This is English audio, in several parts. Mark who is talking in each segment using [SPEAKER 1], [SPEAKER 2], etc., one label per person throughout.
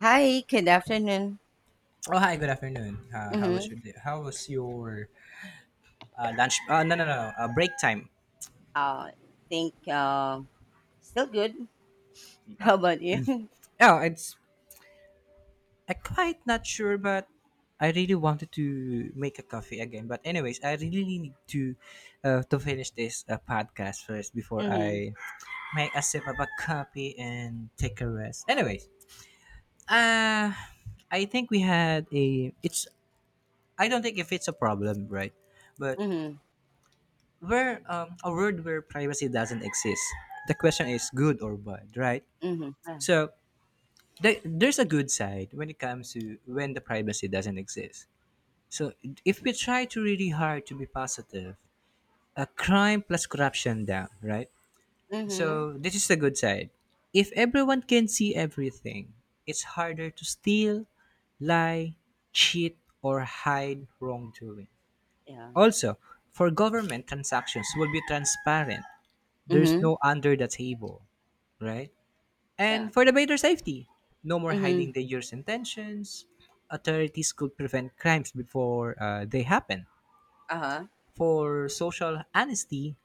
[SPEAKER 1] Hi, good afternoon.
[SPEAKER 2] Oh hi, good afternoon. How was
[SPEAKER 1] Mm-hmm.
[SPEAKER 2] your day? How was your lunch? No. Break time.
[SPEAKER 1] Uh, think still good. How about you?
[SPEAKER 2] Oh, it's I quite not sure, but I really wanted to make a coffee again. But anyways, I really need to finish this podcast first before
[SPEAKER 1] Mm-hmm.
[SPEAKER 2] I make a sip of a coffee and take a rest. Anyways, uh, I think we had a. It's I don't think if it's a problem, right? But
[SPEAKER 1] Mm-hmm.
[SPEAKER 2] where a world where privacy doesn't exist. The question is good or bad, right?
[SPEAKER 1] Mm-hmm. Yeah.
[SPEAKER 2] So there's a good side when it comes to when the privacy doesn't exist. So if we try to really hard to be positive, a crime plus corruption down, right?
[SPEAKER 1] Mm-hmm.
[SPEAKER 2] So this is the good side. If everyone can see everything, it's harder to steal, lie, cheat, or hide wrongdoing.
[SPEAKER 1] Yeah.
[SPEAKER 2] Also, for government transactions will be transparent. There's
[SPEAKER 1] Mm-hmm.
[SPEAKER 2] no under the table, right?
[SPEAKER 1] Yeah.
[SPEAKER 2] And for the better safety, no more hiding
[SPEAKER 1] Mm-hmm.
[SPEAKER 2] dangerous intentions. Authorities could prevent crimes before they happen.
[SPEAKER 1] Uh-huh.
[SPEAKER 2] For social honesty,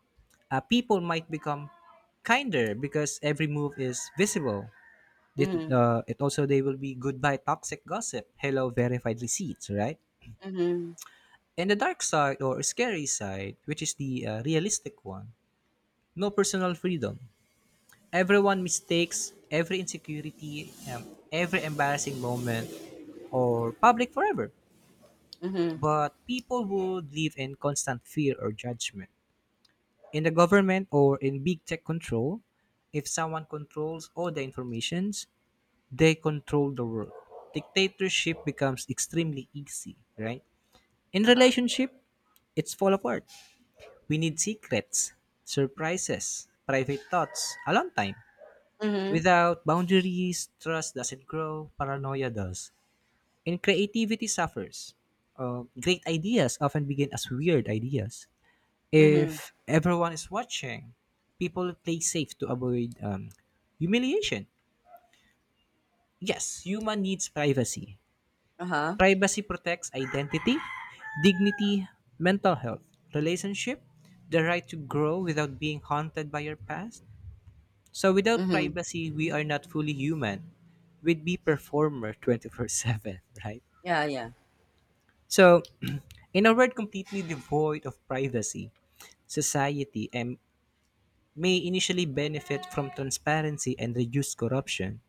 [SPEAKER 2] people might become kinder because every move is visible. It,
[SPEAKER 1] Mm-hmm.
[SPEAKER 2] it also they will be goodbye toxic gossip. Hello verified receipts, right?
[SPEAKER 1] Mm-hmm.
[SPEAKER 2] And the dark side or scary side, which is the realistic one, no personal freedom. Everyone mistakes every insecurity, every embarrassing moment, or public forever.
[SPEAKER 1] Mm-hmm.
[SPEAKER 2] But people would live in constant fear or judgment. In the government or in big tech control, if someone controls all the informations, they control the world. Dictatorship becomes extremely easy, right? In
[SPEAKER 1] Uh-huh.
[SPEAKER 2] relationship, it's fall apart. We need secrets, surprises, private thoughts, alone time.
[SPEAKER 1] Mm-hmm.
[SPEAKER 2] Without boundaries, trust doesn't grow, paranoia does, and creativity suffers. Great ideas often begin as weird ideas.
[SPEAKER 1] Mm-hmm.
[SPEAKER 2] If everyone is watching, people play safe to avoid humiliation. Yes, human needs privacy.
[SPEAKER 1] Uh-huh.
[SPEAKER 2] Privacy protects identity, dignity, mental health, relationship, the right to grow without being haunted by your past. So without
[SPEAKER 1] Mm-hmm.
[SPEAKER 2] privacy, we are not fully human. We'd be performer 24/7, right?
[SPEAKER 1] Yeah, yeah.
[SPEAKER 2] So in a world completely devoid of privacy, society and may initially benefit from transparency and reduce corruption.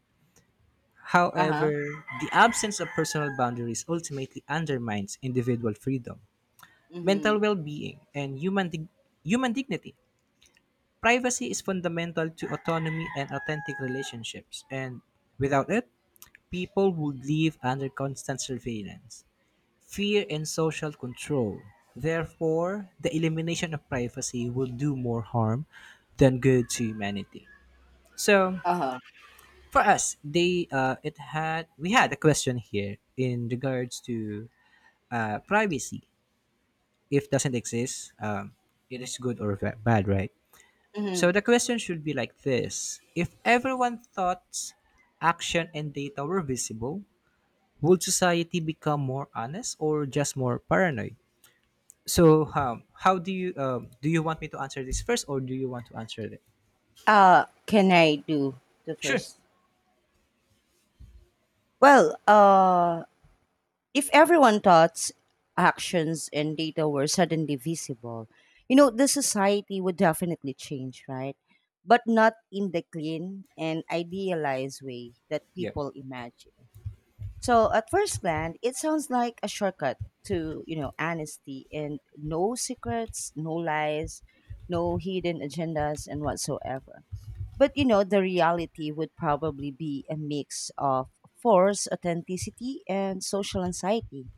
[SPEAKER 1] Uh-huh.
[SPEAKER 2] However, the absence of personal boundaries ultimately undermines individual freedom, mental
[SPEAKER 1] Mm-hmm.
[SPEAKER 2] well-being, and human dignity. Privacy is fundamental to autonomy and authentic relationships, and without it, people would live under constant surveillance, fear, and social control. Therefore, the elimination of privacy will do more harm than good to humanity. So,
[SPEAKER 1] Uh-huh.
[SPEAKER 2] for us, they it had we had a question here in regards to privacy. If doesn't exist, it is good or bad, right?
[SPEAKER 1] Mm-hmm.
[SPEAKER 2] So the question should be like this: if everyone thoughts, action, and data were visible, would society become more honest or just more paranoid? So, how do you want me to answer this first, or do you want to answer it?
[SPEAKER 1] Can I do the
[SPEAKER 2] Sure.
[SPEAKER 1] first? Well, if everyone thoughts, actions, and data were suddenly visible, you know, the society would definitely change, right? But not in the clean and idealized way that
[SPEAKER 2] Yeah,
[SPEAKER 1] people imagine. So, at first glance, it sounds like a shortcut to, you know, honesty and no secrets, no lies, no hidden agendas, and whatsoever. But, you know, the reality would probably be a mix of forced authenticity and social anxiety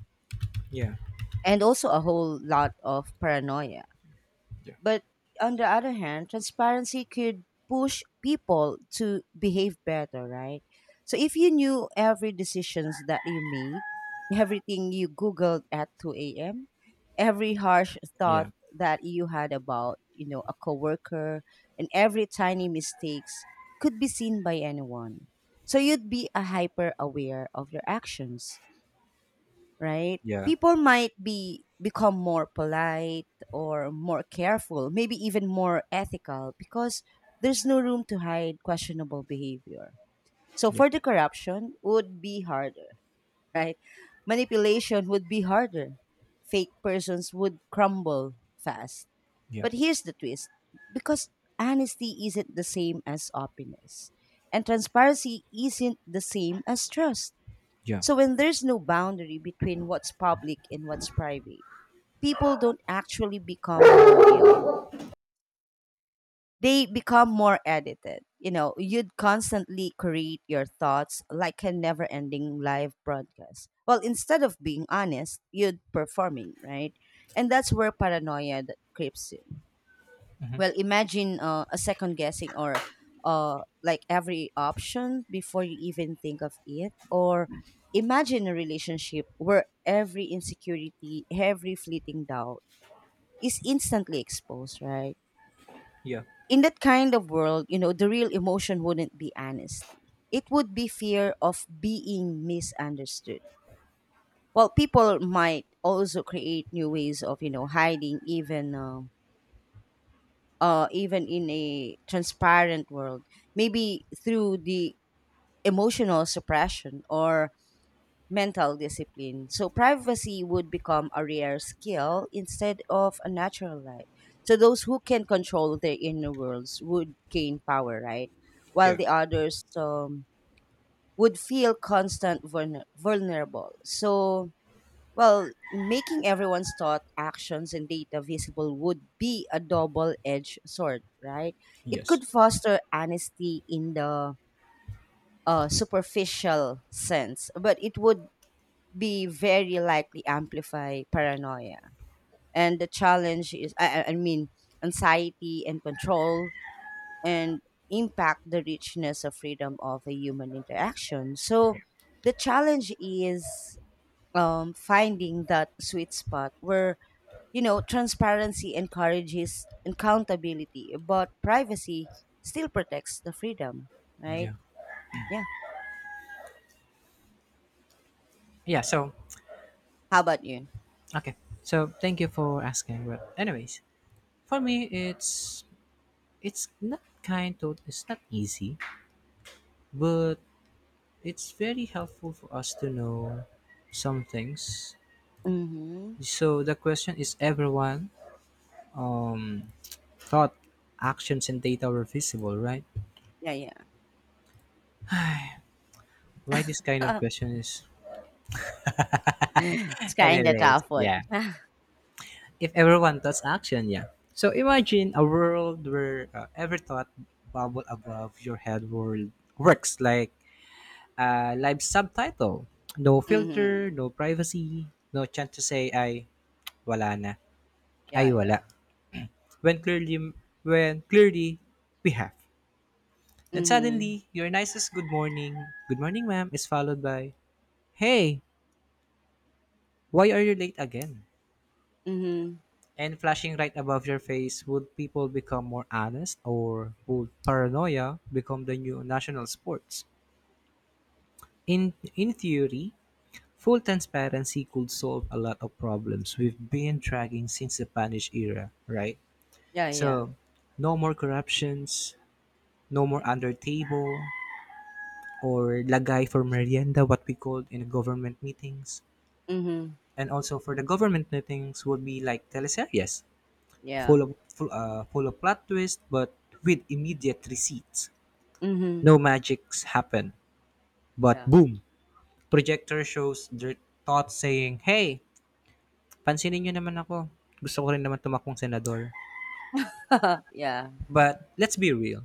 [SPEAKER 2] yeah,
[SPEAKER 1] and also a whole lot of paranoia.
[SPEAKER 2] yeah.
[SPEAKER 1] But on the other hand, transparency could push people to behave better, right? So if you knew every decisions that you made, everything you googled at 2 a.m., every harsh thought
[SPEAKER 2] Yeah,
[SPEAKER 1] that you had about, you know, a coworker, and every tiny mistakes could be seen by anyone. So you'd be a hyper aware of your actions, right?
[SPEAKER 2] yeah,
[SPEAKER 1] People might be become more polite or more careful, maybe even more ethical because there's no room to hide questionable behavior. So
[SPEAKER 2] yeah,
[SPEAKER 1] further corruption would be harder, right? Manipulation would be harder. Fake persons would crumble fast.
[SPEAKER 2] yeah,
[SPEAKER 1] But here's the twist, because honesty isn't the same as openness, and transparency isn't the same as trust,
[SPEAKER 2] yeah,
[SPEAKER 1] so when there's no boundary between what's public and what's private, people don't actually become more real. They become more edited. You know, you'd constantly create your thoughts like a never ending live broadcast. Well, instead of being honest, you'd performing, right? And that's where paranoia that creeps in. Well imagine a second guessing or like every option before you even think of it, or imagine a relationship where every insecurity, every fleeting doubt is instantly exposed, right?
[SPEAKER 2] yeah,
[SPEAKER 1] In that kind of world, you know, the real emotion wouldn't be honesty, it would be fear of being misunderstood. Well, people might also create new ways of, you know, hiding, even even in a transparent world, maybe through the emotional suppression or mental discipline. So privacy would become a rare skill instead of a natural right. So those who can control their inner worlds would gain power, right? While
[SPEAKER 2] yeah,
[SPEAKER 1] the others would feel constant vulnerable. So well, making everyone's thought, actions, and data visible would be a double edged sword, right? It
[SPEAKER 2] yes,
[SPEAKER 1] could foster honesty in the superficial sense, but it would be very likely amplify paranoia. And the challenge is, I mean, anxiety and control and impact the richness of freedom of a human interaction. So the challenge is finding that sweet spot where, you know, transparency encourages accountability, but privacy still protects the freedom,
[SPEAKER 2] yeah,
[SPEAKER 1] right? Yeah.
[SPEAKER 2] yeah. So,
[SPEAKER 1] How about you?
[SPEAKER 2] okay. So, thank you for asking. But, anyways, for me, it's not kind of it's not easy, but it's very helpful for us to know some things.
[SPEAKER 1] Mm-hmm.
[SPEAKER 2] So the question is everyone um thought actions and data were visible, right?
[SPEAKER 1] Yeah,
[SPEAKER 2] Why this kind of
[SPEAKER 1] yeah.
[SPEAKER 2] question is
[SPEAKER 1] It's kind of
[SPEAKER 2] anyways,
[SPEAKER 1] tough one.
[SPEAKER 2] yeah. If everyone thoughts action, yeah. So imagine a world where every thought bubble above your head world works like a live subtitle. No
[SPEAKER 1] Mm-hmm.
[SPEAKER 2] filter, no privacy, no chance to say ay wala na, ay
[SPEAKER 1] Yeah, yeah.
[SPEAKER 2] wala. When clearly when clearly we have. Then
[SPEAKER 1] Mm-hmm.
[SPEAKER 2] suddenly, your nicest good morning, ma'am, is followed by, hey, why are you late again?
[SPEAKER 1] Mm-hmm.
[SPEAKER 2] And flashing right above your face, would people become more honest or would paranoia become the new national sports? In, in theory, full transparency could solve a lot of problems we've been tracking since the Spanish era, right?
[SPEAKER 1] Yeah, yeah.
[SPEAKER 2] So, no more corruptions, no more under table, or lagay for merienda, what we called in government meetings.
[SPEAKER 1] Mm-hmm.
[SPEAKER 2] And also for the government meetings would be like teleseries
[SPEAKER 1] Yeah.
[SPEAKER 2] full of full of plot twist, but with immediate receipts.
[SPEAKER 1] Mm-hmm.
[SPEAKER 2] No magics happen, but
[SPEAKER 1] Yeah.
[SPEAKER 2] boom, projector shows their thoughts saying hey, pansinin nyo naman ako, gusto ko rin naman tumakbong senador.
[SPEAKER 1] Yeah.
[SPEAKER 2] But let's be real,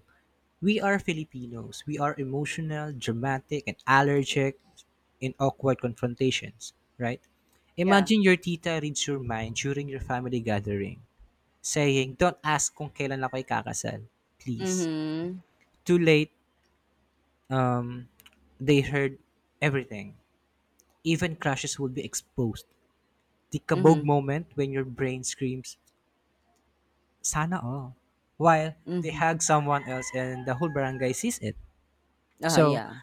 [SPEAKER 2] we are Filipinos, we are emotional, dramatic, and allergic in awkward confrontations, right?
[SPEAKER 1] Yeah.
[SPEAKER 2] Imagine your tita reads your mind during your family gathering saying, don't ask kung kailan ako ikakasal. Please.
[SPEAKER 1] Mm-hmm.
[SPEAKER 2] Too late, um, they heard everything. Even crushes will be exposed. The kabog
[SPEAKER 1] Mm-hmm.
[SPEAKER 2] moment when your brain screams, sana all. While they
[SPEAKER 1] Mm-hmm.
[SPEAKER 2] hug someone else and the whole barangay sees it.
[SPEAKER 1] Uh-huh,
[SPEAKER 2] So,
[SPEAKER 1] yeah.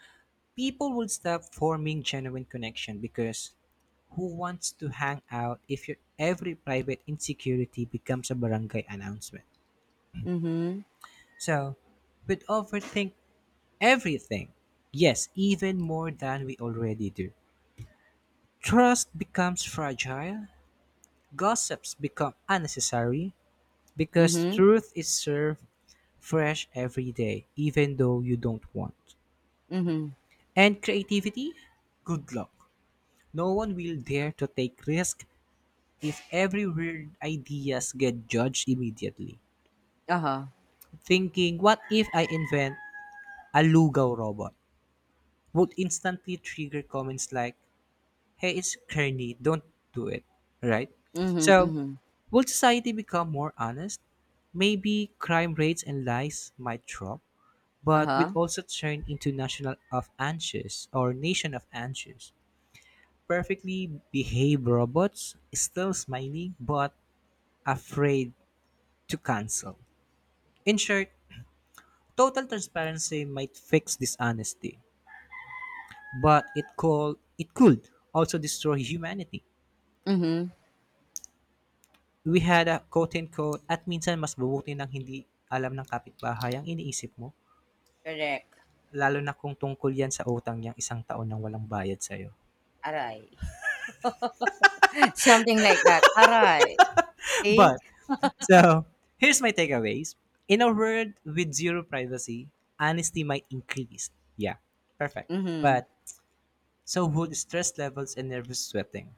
[SPEAKER 2] people will stop forming genuine connection because who wants to hang out if your every private insecurity becomes a barangay announcement?
[SPEAKER 1] Mm-hmm.
[SPEAKER 2] So, with overthink everything. Yes, even more than we already do. Trust becomes fragile, gossips become unnecessary, because
[SPEAKER 1] Mm-hmm.
[SPEAKER 2] truth is served fresh every day, even though you don't want.
[SPEAKER 1] Mm-hmm.
[SPEAKER 2] And creativity? Good luck. No one will dare to take risk if every weird ideas get judged immediately.
[SPEAKER 1] Uh-huh.
[SPEAKER 2] Thinking, what if I invent a lugaw robot? Would instantly trigger comments like, hey, it's corny, don't do it, right?
[SPEAKER 1] Mhm,
[SPEAKER 2] So,
[SPEAKER 1] mhm.
[SPEAKER 2] will society become more honest? Maybe crime rates and lies might drop, but we'd
[SPEAKER 1] Uh-huh.
[SPEAKER 2] also turn into national of anxious or nation of anxious. Perfectly behaved robots, still smiling but afraid to cancel. In short, total transparency might fix dishonesty, but it could also destroy humanity.
[SPEAKER 1] Mhm.
[SPEAKER 2] We had a quote and at minsan mas mabuti ng hindi alam ng kapitbahay ang iniisip mo,
[SPEAKER 1] Correct.
[SPEAKER 2] lalo na kung tungkol yan sa utang niyang isang taon nang walang bayad sa'yo.
[SPEAKER 1] Aray. Something like that. Aray. See?
[SPEAKER 2] But, so, here's my takeaways. In a world with zero privacy, honesty might increase. Yeah, perfect.
[SPEAKER 1] Mhm.
[SPEAKER 2] But, so would stress levels and nervous sweating.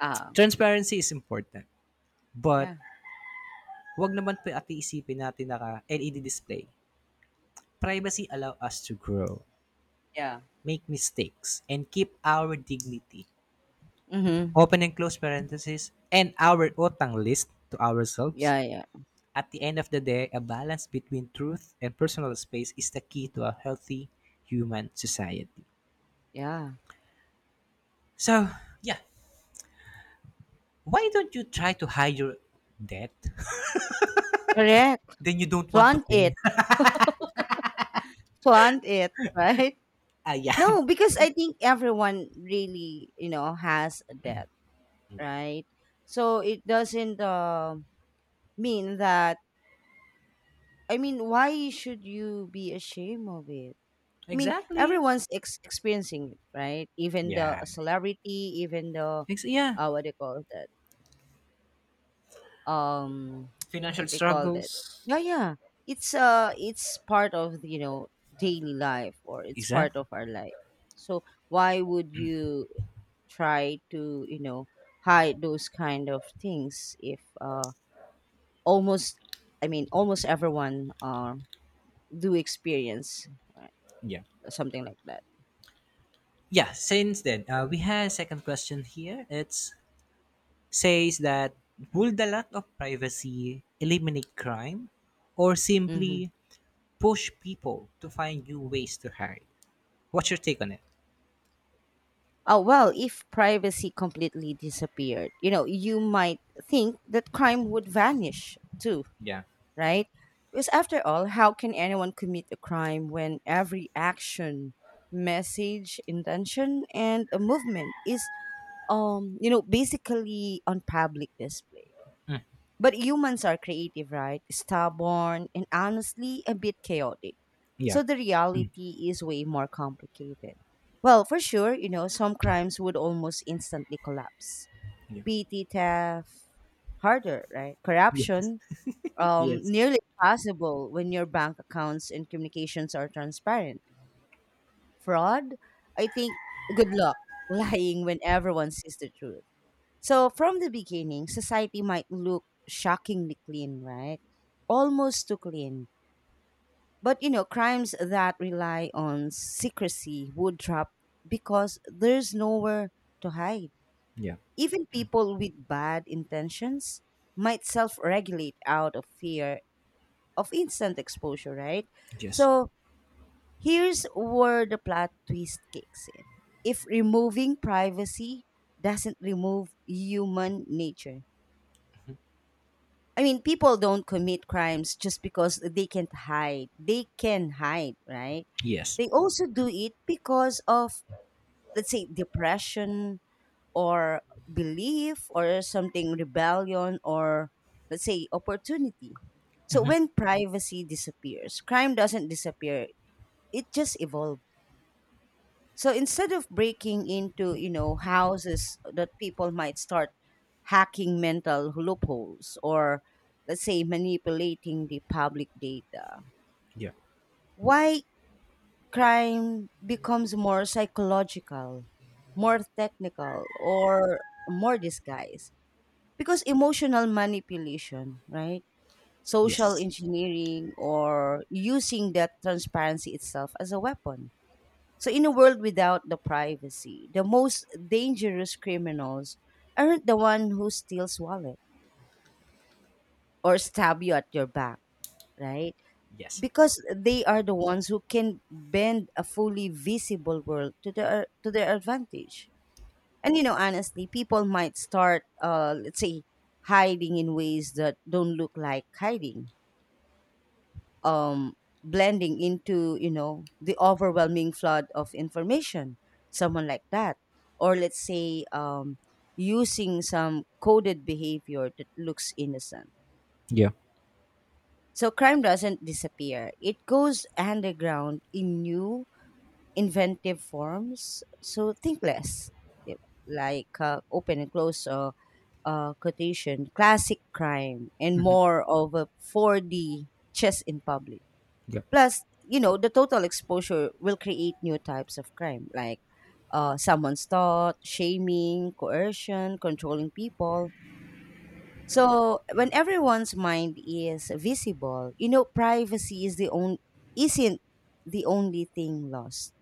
[SPEAKER 1] Ah.
[SPEAKER 2] Transparency is important. But,
[SPEAKER 1] Yeah.
[SPEAKER 2] wag naman po at iisipin natin na ka- LED display. Privacy allow us to grow,
[SPEAKER 1] Yeah.
[SPEAKER 2] make mistakes, and keep our dignity,
[SPEAKER 1] Mhm.
[SPEAKER 2] open and close parentheses, and our utang list to ourselves.
[SPEAKER 1] Yeah, yeah.
[SPEAKER 2] At the end of the day, a balance between truth and personal space is the key to a healthy human society.
[SPEAKER 1] Yeah.
[SPEAKER 2] So, yeah, why don't you try to hide your debt?
[SPEAKER 1] Correct.
[SPEAKER 2] Then you don't want to
[SPEAKER 1] Flaunt
[SPEAKER 2] pay.
[SPEAKER 1] it. Flaunt it, right?
[SPEAKER 2] Ah, yeah.
[SPEAKER 1] No, because I think everyone really, you know, has that,
[SPEAKER 2] Yeah.
[SPEAKER 1] right? So it doesn't mean that. I mean, why should you be ashamed of it? I mean,
[SPEAKER 2] Exactly.
[SPEAKER 1] everyone's experiencing it, right? Even the
[SPEAKER 2] Yeah.
[SPEAKER 1] celebrity, even the
[SPEAKER 2] Yeah.
[SPEAKER 1] what do you call that? Um,
[SPEAKER 2] Financial
[SPEAKER 1] what do you call that?
[SPEAKER 2] struggles.
[SPEAKER 1] Yeah, yeah. It's part of, you know, daily life, or it's part
[SPEAKER 2] Exactly.
[SPEAKER 1] of our life. So why would you try to, you know, hide those kind of things if almost, I mean, almost everyone do experience, right,
[SPEAKER 2] Yeah.
[SPEAKER 1] something like that.
[SPEAKER 2] Yeah. Since then, we have a second question here. It's says that will the lack of privacy eliminate crime or
[SPEAKER 1] Mm-hmm.
[SPEAKER 2] simply push people to find new ways to hide? What's your take on it?
[SPEAKER 1] Oh, well, if privacy completely disappeared, you know, you might think that crime would vanish too,
[SPEAKER 2] Yeah.
[SPEAKER 1] right? Because after all, how can anyone commit a crime when every action, message, intention, and a movement is, you know, basically on public display? But humans are creative, right? Stubborn and honestly a bit chaotic.
[SPEAKER 2] Yeah.
[SPEAKER 1] So the reality is way more complicated. Well, for sure, you know, some crimes would almost instantly collapse.
[SPEAKER 2] Yeah.
[SPEAKER 1] PT theft, harder, right?
[SPEAKER 2] Yeah.
[SPEAKER 1] Corruption,
[SPEAKER 2] Yes.
[SPEAKER 1] nearly impossible when your bank accounts and communications are transparent. Fraud, I think, good luck lying when everyone sees the truth. So from the beginning, society might look shockingly clean, right? Almost too clean. But you know, crimes that rely on secrecy would drop because there's nowhere to hide.
[SPEAKER 2] Yeah.
[SPEAKER 1] Even people with bad intentions might self regulate out of fear of instant exposure, right?
[SPEAKER 2] Yes.
[SPEAKER 1] So here's where the plot twist kicks in. If removing privacy doesn't remove human nature, I mean, people don't commit crimes just because they can't hide. They can hide, right?
[SPEAKER 2] Yes.
[SPEAKER 1] They also do it because of, let's say, depression or belief or something, rebellion or, let's say, opportunity. So when privacy disappears, crime doesn't disappear, it just evolves. So instead of breaking into, you know, houses that people might start hacking mental loopholes or let's say manipulating the public data,
[SPEAKER 2] Yeah.
[SPEAKER 1] why crime becomes more psychological, more technical, or more disguised? Because emotional manipulation, right? Social
[SPEAKER 2] Yes.
[SPEAKER 1] engineering or using that transparency itself as a weapon. So, in a world without the privacy, the most dangerous criminals aren't the one who steals wallet or stab you at your back, right?
[SPEAKER 2] Yes.
[SPEAKER 1] Because they are the ones who can bend a fully visible world to their advantage. And you know, honestly, people might start, let's say, hiding in ways that don't look like hiding, um, blending into, you know, the overwhelming flood of information, someone like that, or let's say using some coded behavior that looks innocent.
[SPEAKER 2] Yeah.
[SPEAKER 1] So crime doesn't disappear, it goes underground in new inventive forms. So think less, Di ba? Like open and close quotation classic crime and more of a 4D chess in public.
[SPEAKER 2] Yeah.
[SPEAKER 1] Plus, you know, the total exposure will create new types of crime like someone's thought, shaming, coercion, controlling people. So when everyone's mind is visible, you know, privacy is the only isn't the only thing lost.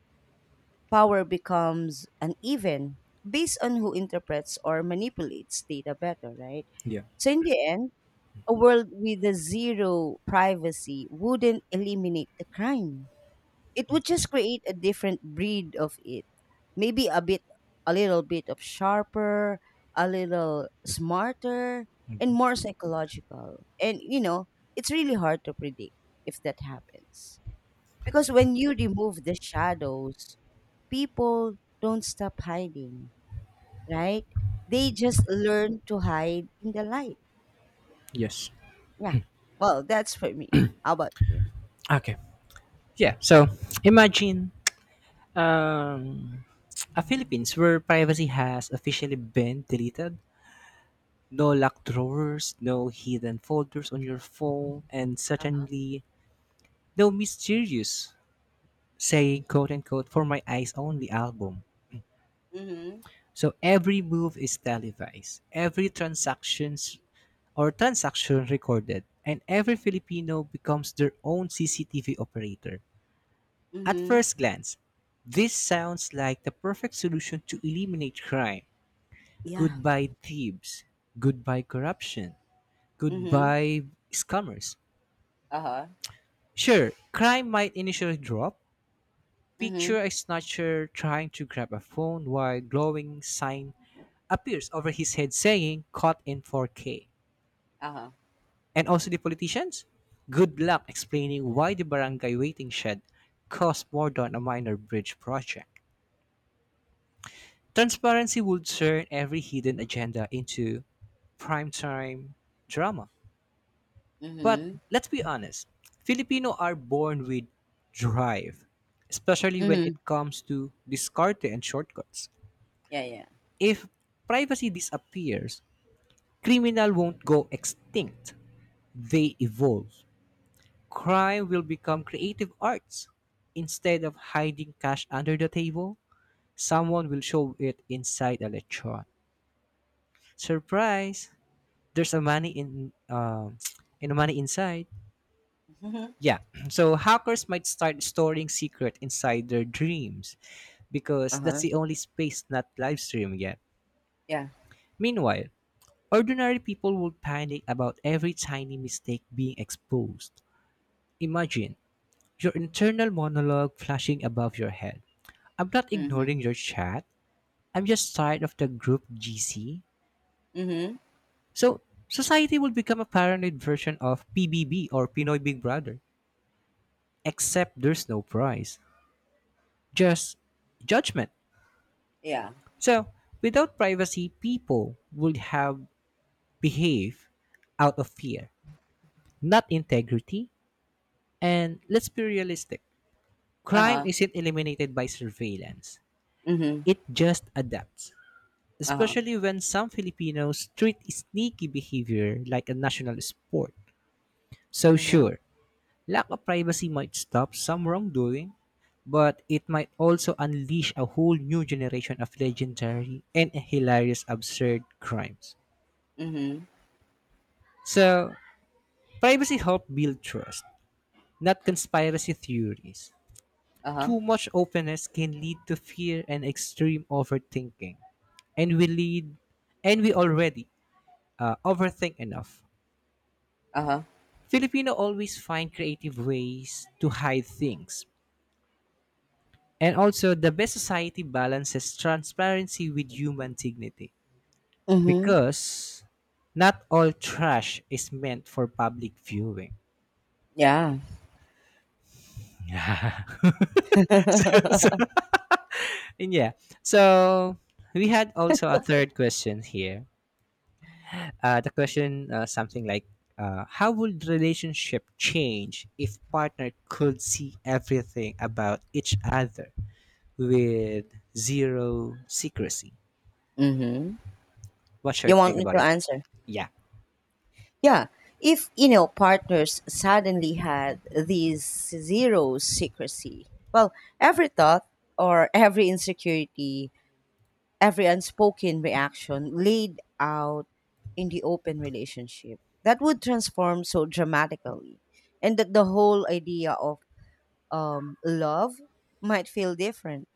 [SPEAKER 1] Power becomes uneven based on who interprets or manipulates data better, right?
[SPEAKER 2] Yeah.
[SPEAKER 1] So in the end, a world with a zero privacy wouldn't eliminate the crime, it would just create a different breed of it. Maybe a bit, a little bit of sharper, a little smarter, and more psychological. And, you know, it's really hard to predict if that happens. Because when you remove the shadows, people don't stop hiding, right? They just learn to hide in the light.
[SPEAKER 2] Yes.
[SPEAKER 1] Yeah. Well, that's for me. How about you?
[SPEAKER 2] Okay. Yeah. So imagine um, a Philippines where privacy has officially been deleted, no locked drawers, no hidden folders on your phone, and
[SPEAKER 1] Uh-huh.
[SPEAKER 2] certainly no mysterious, saying quote unquote, for my eyes only album.
[SPEAKER 1] Mm-hmm.
[SPEAKER 2] So every move is televised, every transaction recorded, and every Filipino becomes their own CCTV operator. At
[SPEAKER 1] Mm-hmm.
[SPEAKER 2] first glance, this sounds like the perfect solution to eliminate crime.
[SPEAKER 1] Yeah.
[SPEAKER 2] Goodbye thieves, goodbye corruption,
[SPEAKER 1] Mm-hmm.
[SPEAKER 2] goodbye scammers.
[SPEAKER 1] Uh-huh.
[SPEAKER 2] Sure, crime might initially drop. Picture
[SPEAKER 1] Mm-hmm.
[SPEAKER 2] a snatcher trying to grab a phone while glowing sign appears over his head saying caught in 4K.
[SPEAKER 1] Uh-huh.
[SPEAKER 2] And also the politicians? Good luck explaining why the barangay waiting shed cost more than a minor bridge project. Transparency would turn every hidden agenda into primetime drama. But
[SPEAKER 1] Mhm.
[SPEAKER 2] let's be honest, Filipino are born with drive, especially when
[SPEAKER 1] Mhm.
[SPEAKER 2] it comes to discarte and shortcuts.
[SPEAKER 1] Yeah, yeah.
[SPEAKER 2] If privacy disappears, criminal won't go extinct. They evolve. Crime will become creative arts. Instead of hiding cash under the table, someone will show it inside a lechon. Surprise! There's a money in in money inside.
[SPEAKER 1] Mhm.
[SPEAKER 2] Yeah. So hackers might start storing secret inside their dreams because that's
[SPEAKER 1] Uh-huh.
[SPEAKER 2] the only space not live streamed yet.
[SPEAKER 1] Yeah.
[SPEAKER 2] Meanwhile, ordinary people would panic about every tiny mistake being exposed. Imagine your internal monologue flashing above your head. I'm not ignoring
[SPEAKER 1] Mhm.
[SPEAKER 2] your chat. I'm just tired of the group GC.
[SPEAKER 1] Mhm.
[SPEAKER 2] So society will become a paranoid version of PBB or Pinoy Big Brother, except there's no prize, just judgment.
[SPEAKER 1] Yeah.
[SPEAKER 2] So, without privacy, people would have behaved out of fear, not integrity. And let's be realistic, crime
[SPEAKER 1] Uh-huh.
[SPEAKER 2] isn't eliminated by surveillance,
[SPEAKER 1] Mhm.
[SPEAKER 2] it just adapts.
[SPEAKER 1] Uh-huh.
[SPEAKER 2] Especially when some Filipinos treat sneaky behavior like a national sport. So,
[SPEAKER 1] Mhm.
[SPEAKER 2] sure, lack of privacy might stop some wrongdoing, but it might also unleash a whole new generation of legendary and hilarious absurd crimes.
[SPEAKER 1] Mhm.
[SPEAKER 2] So, privacy helps build trust, not conspiracy theories.
[SPEAKER 1] Uh-huh.
[SPEAKER 2] Too much openness can lead to fear and extreme overthinking. And we lead and we already overthink enough.
[SPEAKER 1] Uh-huh.
[SPEAKER 2] Filipino always find creative ways to hide things. And also the best society balances transparency with human dignity
[SPEAKER 1] Mhm.
[SPEAKER 2] because not all trash is meant for public viewing.
[SPEAKER 1] Yeah.
[SPEAKER 2] so, so And yeah, so we had also a third question here. The question something like, how would relationship change if partner could see everything about each other with zero secrecy?
[SPEAKER 1] Mhm.
[SPEAKER 2] What's your
[SPEAKER 1] You want
[SPEAKER 2] take
[SPEAKER 1] me
[SPEAKER 2] about
[SPEAKER 1] to
[SPEAKER 2] it?
[SPEAKER 1] answer?
[SPEAKER 2] Yeah,
[SPEAKER 1] Yeah. If, you know, partners suddenly had this zero secrecy, well, every thought or every insecurity, every unspoken reaction laid out in the open relationship, that would transform so dramatically, and that the whole idea of love might feel different.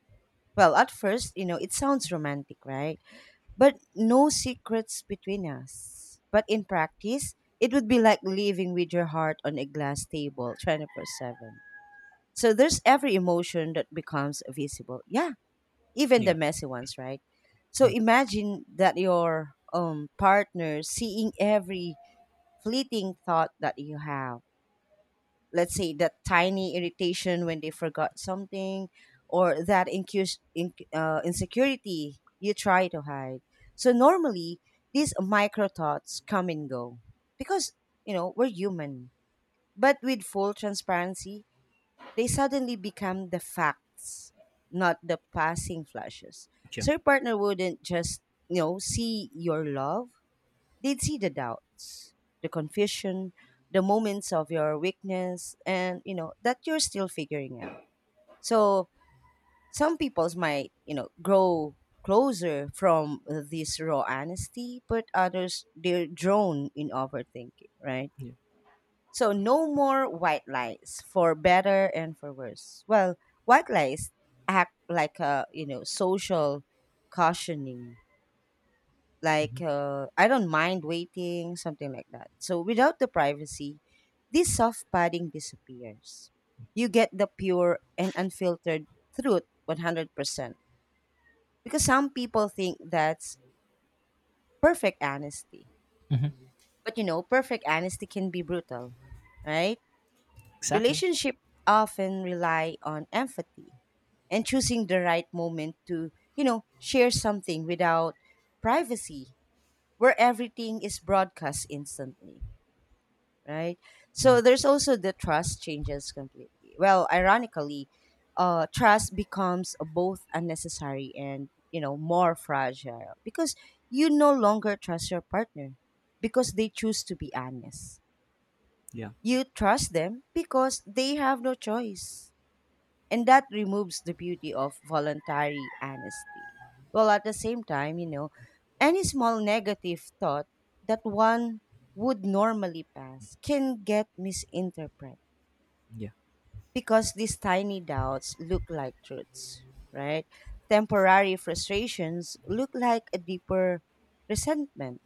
[SPEAKER 1] Well, at first, you know, it sounds romantic, right? But no secrets between us, but in practice it would be like living with your heart on a glass table 24/7. So there's every emotion that becomes visible, yeah, even
[SPEAKER 2] yeah,
[SPEAKER 1] the messy ones, right? So imagine that your partner seeing every fleeting thought that you have. Let's say that tiny irritation when they forgot something, or that insecurity you try to hide. So normally these micro thoughts come and go because, you know, we're human. But with full transparency, they suddenly become the facts, not the passing flashes.
[SPEAKER 2] yeah,
[SPEAKER 1] So your partner wouldn't just, you know, see your love. They'd see the doubts, the confusion, the moments of your weakness, and you know, that you're still figuring out. So some people's might, you know, grow closer from this raw honesty, but others they're drawn in overthinking, right?
[SPEAKER 2] yeah,
[SPEAKER 1] So no more white lies, for better and for worse. Well, white lies act like a, you know, social cautioning. Like I don't mind waiting, something like that. So without the privacy, this soft padding disappears. You get the pure and unfiltered truth 100%. Because some people think that's perfect honesty, but you know, perfect honesty can be brutal, right?
[SPEAKER 2] exactly.
[SPEAKER 1] Relationships often rely on empathy and choosing the right moment to, you know, share something without privacy, where everything is broadcast instantly, right? So there's also the trust changes completely. Well, ironically, trust becomes both unnecessary and, you know, more fragile, because you no longer trust your partner because they choose to be honest.
[SPEAKER 2] Yeah,
[SPEAKER 1] You trust them because they have no choice, and that removes the beauty of voluntary honesty. Well, at the same time, you know, any small negative thought that one would normally pass can get misinterpreted,
[SPEAKER 2] yeah,
[SPEAKER 1] because these tiny doubts look like truths, right? Temporary frustrations look like a deeper resentment.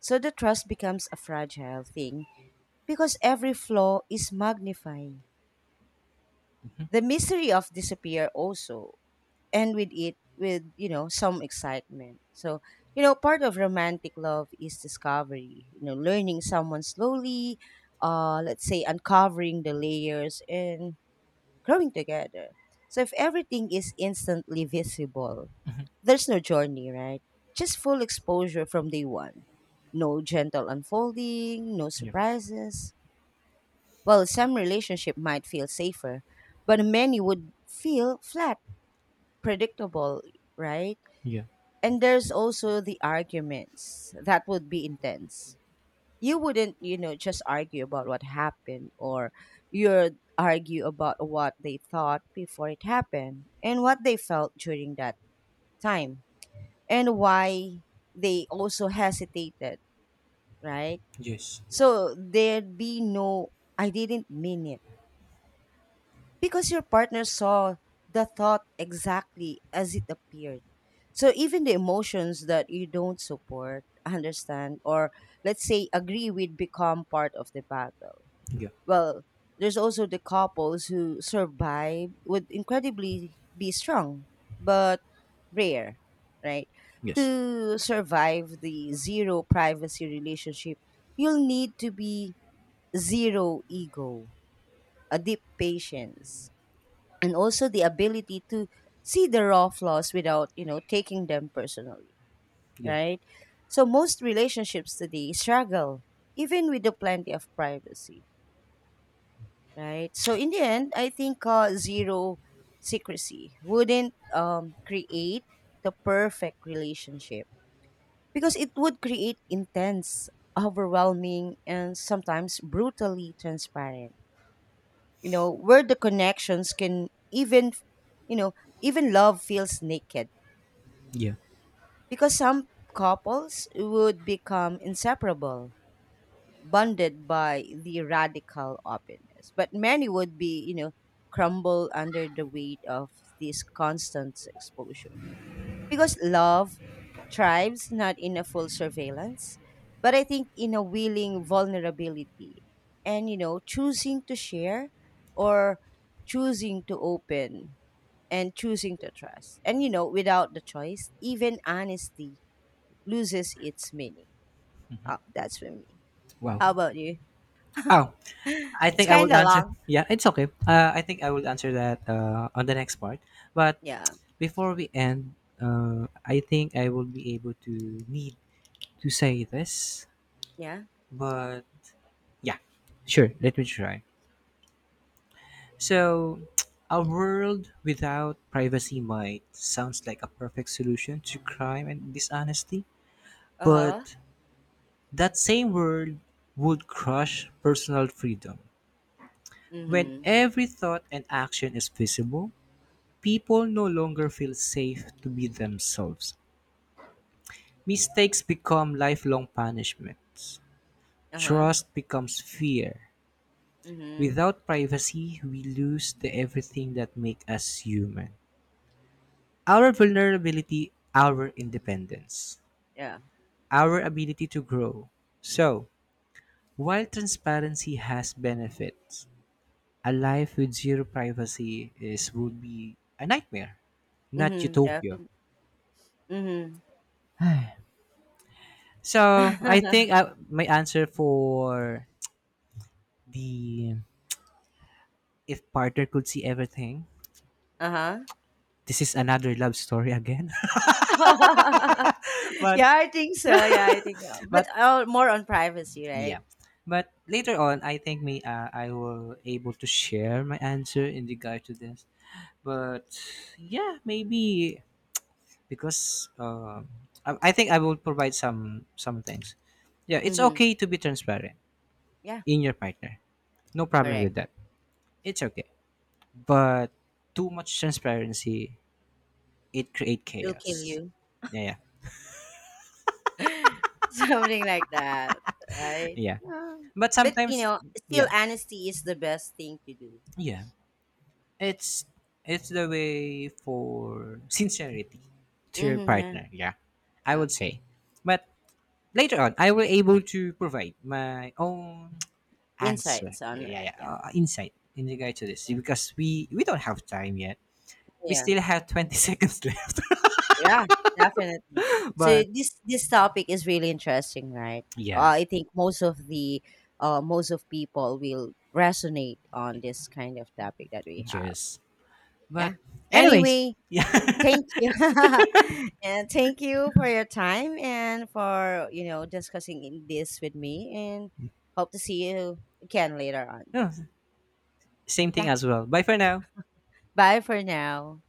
[SPEAKER 1] So the trust becomes a fragile thing because every flaw is magnified. The mystery of disappear also, and with it, with you know, some excitement. So you know, part of romantic love is discovery, you know, learning someone slowly, let's say uncovering the layers and growing together. So if everything is instantly visible, there's no journey, right? Just full exposure from day one, no gentle unfolding, no
[SPEAKER 2] yeah,
[SPEAKER 1] surprises. Well, some relationship might feel safer but many would feel flat, predictable, right?
[SPEAKER 2] yeah,
[SPEAKER 1] And there's also the arguments that would be intense. You wouldn't, you know, just argue about what happened, or you'd argue about what they thought before it happened and what they felt during that time and why they also hesitated, right?
[SPEAKER 2] yes,
[SPEAKER 1] So there'd be no I didn't mean it, because your partner saw the thought exactly as it appeared. So even the emotions that you don't support, understand, or let's say agree with become part of the battle.
[SPEAKER 2] yeah,
[SPEAKER 1] Well, there's also the couples who survive would incredibly be strong, but rare, right?
[SPEAKER 2] yes,
[SPEAKER 1] To survive the zero privacy relationship, you'll need to be zero ego, a deep patience, and also the ability to see the raw flaws without, you know, taking them personally,
[SPEAKER 2] yeah,
[SPEAKER 1] right? So most relationships today struggle even with the plenty of privacy, right? So in the end, I think zero secrecy wouldn't create the perfect relationship, because it would create intense, overwhelming, and sometimes brutally transparent, you know, where the connections can even, you know, even love feels naked.
[SPEAKER 2] yeah.
[SPEAKER 1] Because some couples would become inseparable, bonded by the radical openness. But many would be, you know, crumble under the weight of this constant exposure, because love thrives not in a full surveillance, but I think in a willing vulnerability. And, you know, choosing to share or choosing to open and choosing to trust. And, you know, without the choice, even honesty loses its meaning. Oh, that's for me.
[SPEAKER 2] Wow.
[SPEAKER 1] How about you?
[SPEAKER 2] Oh, I
[SPEAKER 1] It's
[SPEAKER 2] think I will
[SPEAKER 1] kind of
[SPEAKER 2] answer.
[SPEAKER 1] long.
[SPEAKER 2] Yeah, it's okay. I think I will answer that on the next part. But
[SPEAKER 1] Yeah.
[SPEAKER 2] before we end, I think I will be able to need to say this.
[SPEAKER 1] Yeah.
[SPEAKER 2] But yeah, sure. Let me try. So, a world without privacy might sounds like a perfect solution to crime and dishonesty,
[SPEAKER 1] Uh huh.
[SPEAKER 2] but that same world would crush personal freedom. When
[SPEAKER 1] Mm
[SPEAKER 2] every thought and action is visible, people no longer feel safe to be themselves. Mistakes become lifelong punishments.
[SPEAKER 1] hmm. Uh huh.
[SPEAKER 2] Trust becomes fear.
[SPEAKER 1] Mm hmm.
[SPEAKER 2] Without privacy, we lose the everything that make us human. Our vulnerability, our independence,
[SPEAKER 1] Yeah.
[SPEAKER 2] our ability to grow. So, while transparency has benefits, a life with zero privacy is would be a nightmare, not
[SPEAKER 1] Mm hmm. Yeah.
[SPEAKER 2] utopia.
[SPEAKER 1] Mm
[SPEAKER 2] So
[SPEAKER 1] hmm.
[SPEAKER 2] my answer for the if partner could see everything.
[SPEAKER 1] Uh huh.
[SPEAKER 2] This is another love story again, but
[SPEAKER 1] Yeah, I think so. Yeah, I think so. But
[SPEAKER 2] but
[SPEAKER 1] more on privacy, right?
[SPEAKER 2] yeah, but later on I think me I will able to share my answer in regard to this. But yeah, maybe because I think I will provide some things. Yeah, it's
[SPEAKER 1] Mm-hmm.
[SPEAKER 2] okay to be transparent
[SPEAKER 1] Yeah,
[SPEAKER 2] in your partner. No problem
[SPEAKER 1] correct.
[SPEAKER 2] with that. It's okay, but too much transparency it create
[SPEAKER 1] It'll kill
[SPEAKER 2] chaos.
[SPEAKER 1] you.
[SPEAKER 2] Yeah, yeah,
[SPEAKER 1] Something like that, right?
[SPEAKER 2] yeah.
[SPEAKER 1] Yeah.
[SPEAKER 2] But
[SPEAKER 1] But, you
[SPEAKER 2] sometimes,
[SPEAKER 1] know,
[SPEAKER 2] yeah,
[SPEAKER 1] still honesty is the best thing to do.
[SPEAKER 2] yeah. It's it's the way for sincerity to your
[SPEAKER 1] Mm-hmm, yeah,
[SPEAKER 2] partner. Yeah, I
[SPEAKER 1] yeah.
[SPEAKER 2] would say. But later on, I will able to provide my own answer.
[SPEAKER 1] Insights on that.
[SPEAKER 2] Yeah, yeah.
[SPEAKER 1] Yeah,
[SPEAKER 2] Insight in regard to this
[SPEAKER 1] yeah,
[SPEAKER 2] because we don't have time yet. We
[SPEAKER 1] yeah,
[SPEAKER 2] still have 20 seconds left.
[SPEAKER 1] yeah, definitely. So
[SPEAKER 2] But
[SPEAKER 1] this topic is really interesting, right?
[SPEAKER 2] yeah,
[SPEAKER 1] I think most of the most of people will resonate on this kind of topic that we have.
[SPEAKER 2] just.
[SPEAKER 1] Yeah.
[SPEAKER 2] But anyways,
[SPEAKER 1] Anyway,
[SPEAKER 2] yeah.
[SPEAKER 1] thank you. And thank you for your time and for, you know, discussing in this with me and hope to see you again later on.
[SPEAKER 2] No, same thing
[SPEAKER 1] Yeah.
[SPEAKER 2] as well. Bye for now.
[SPEAKER 1] Bye for now.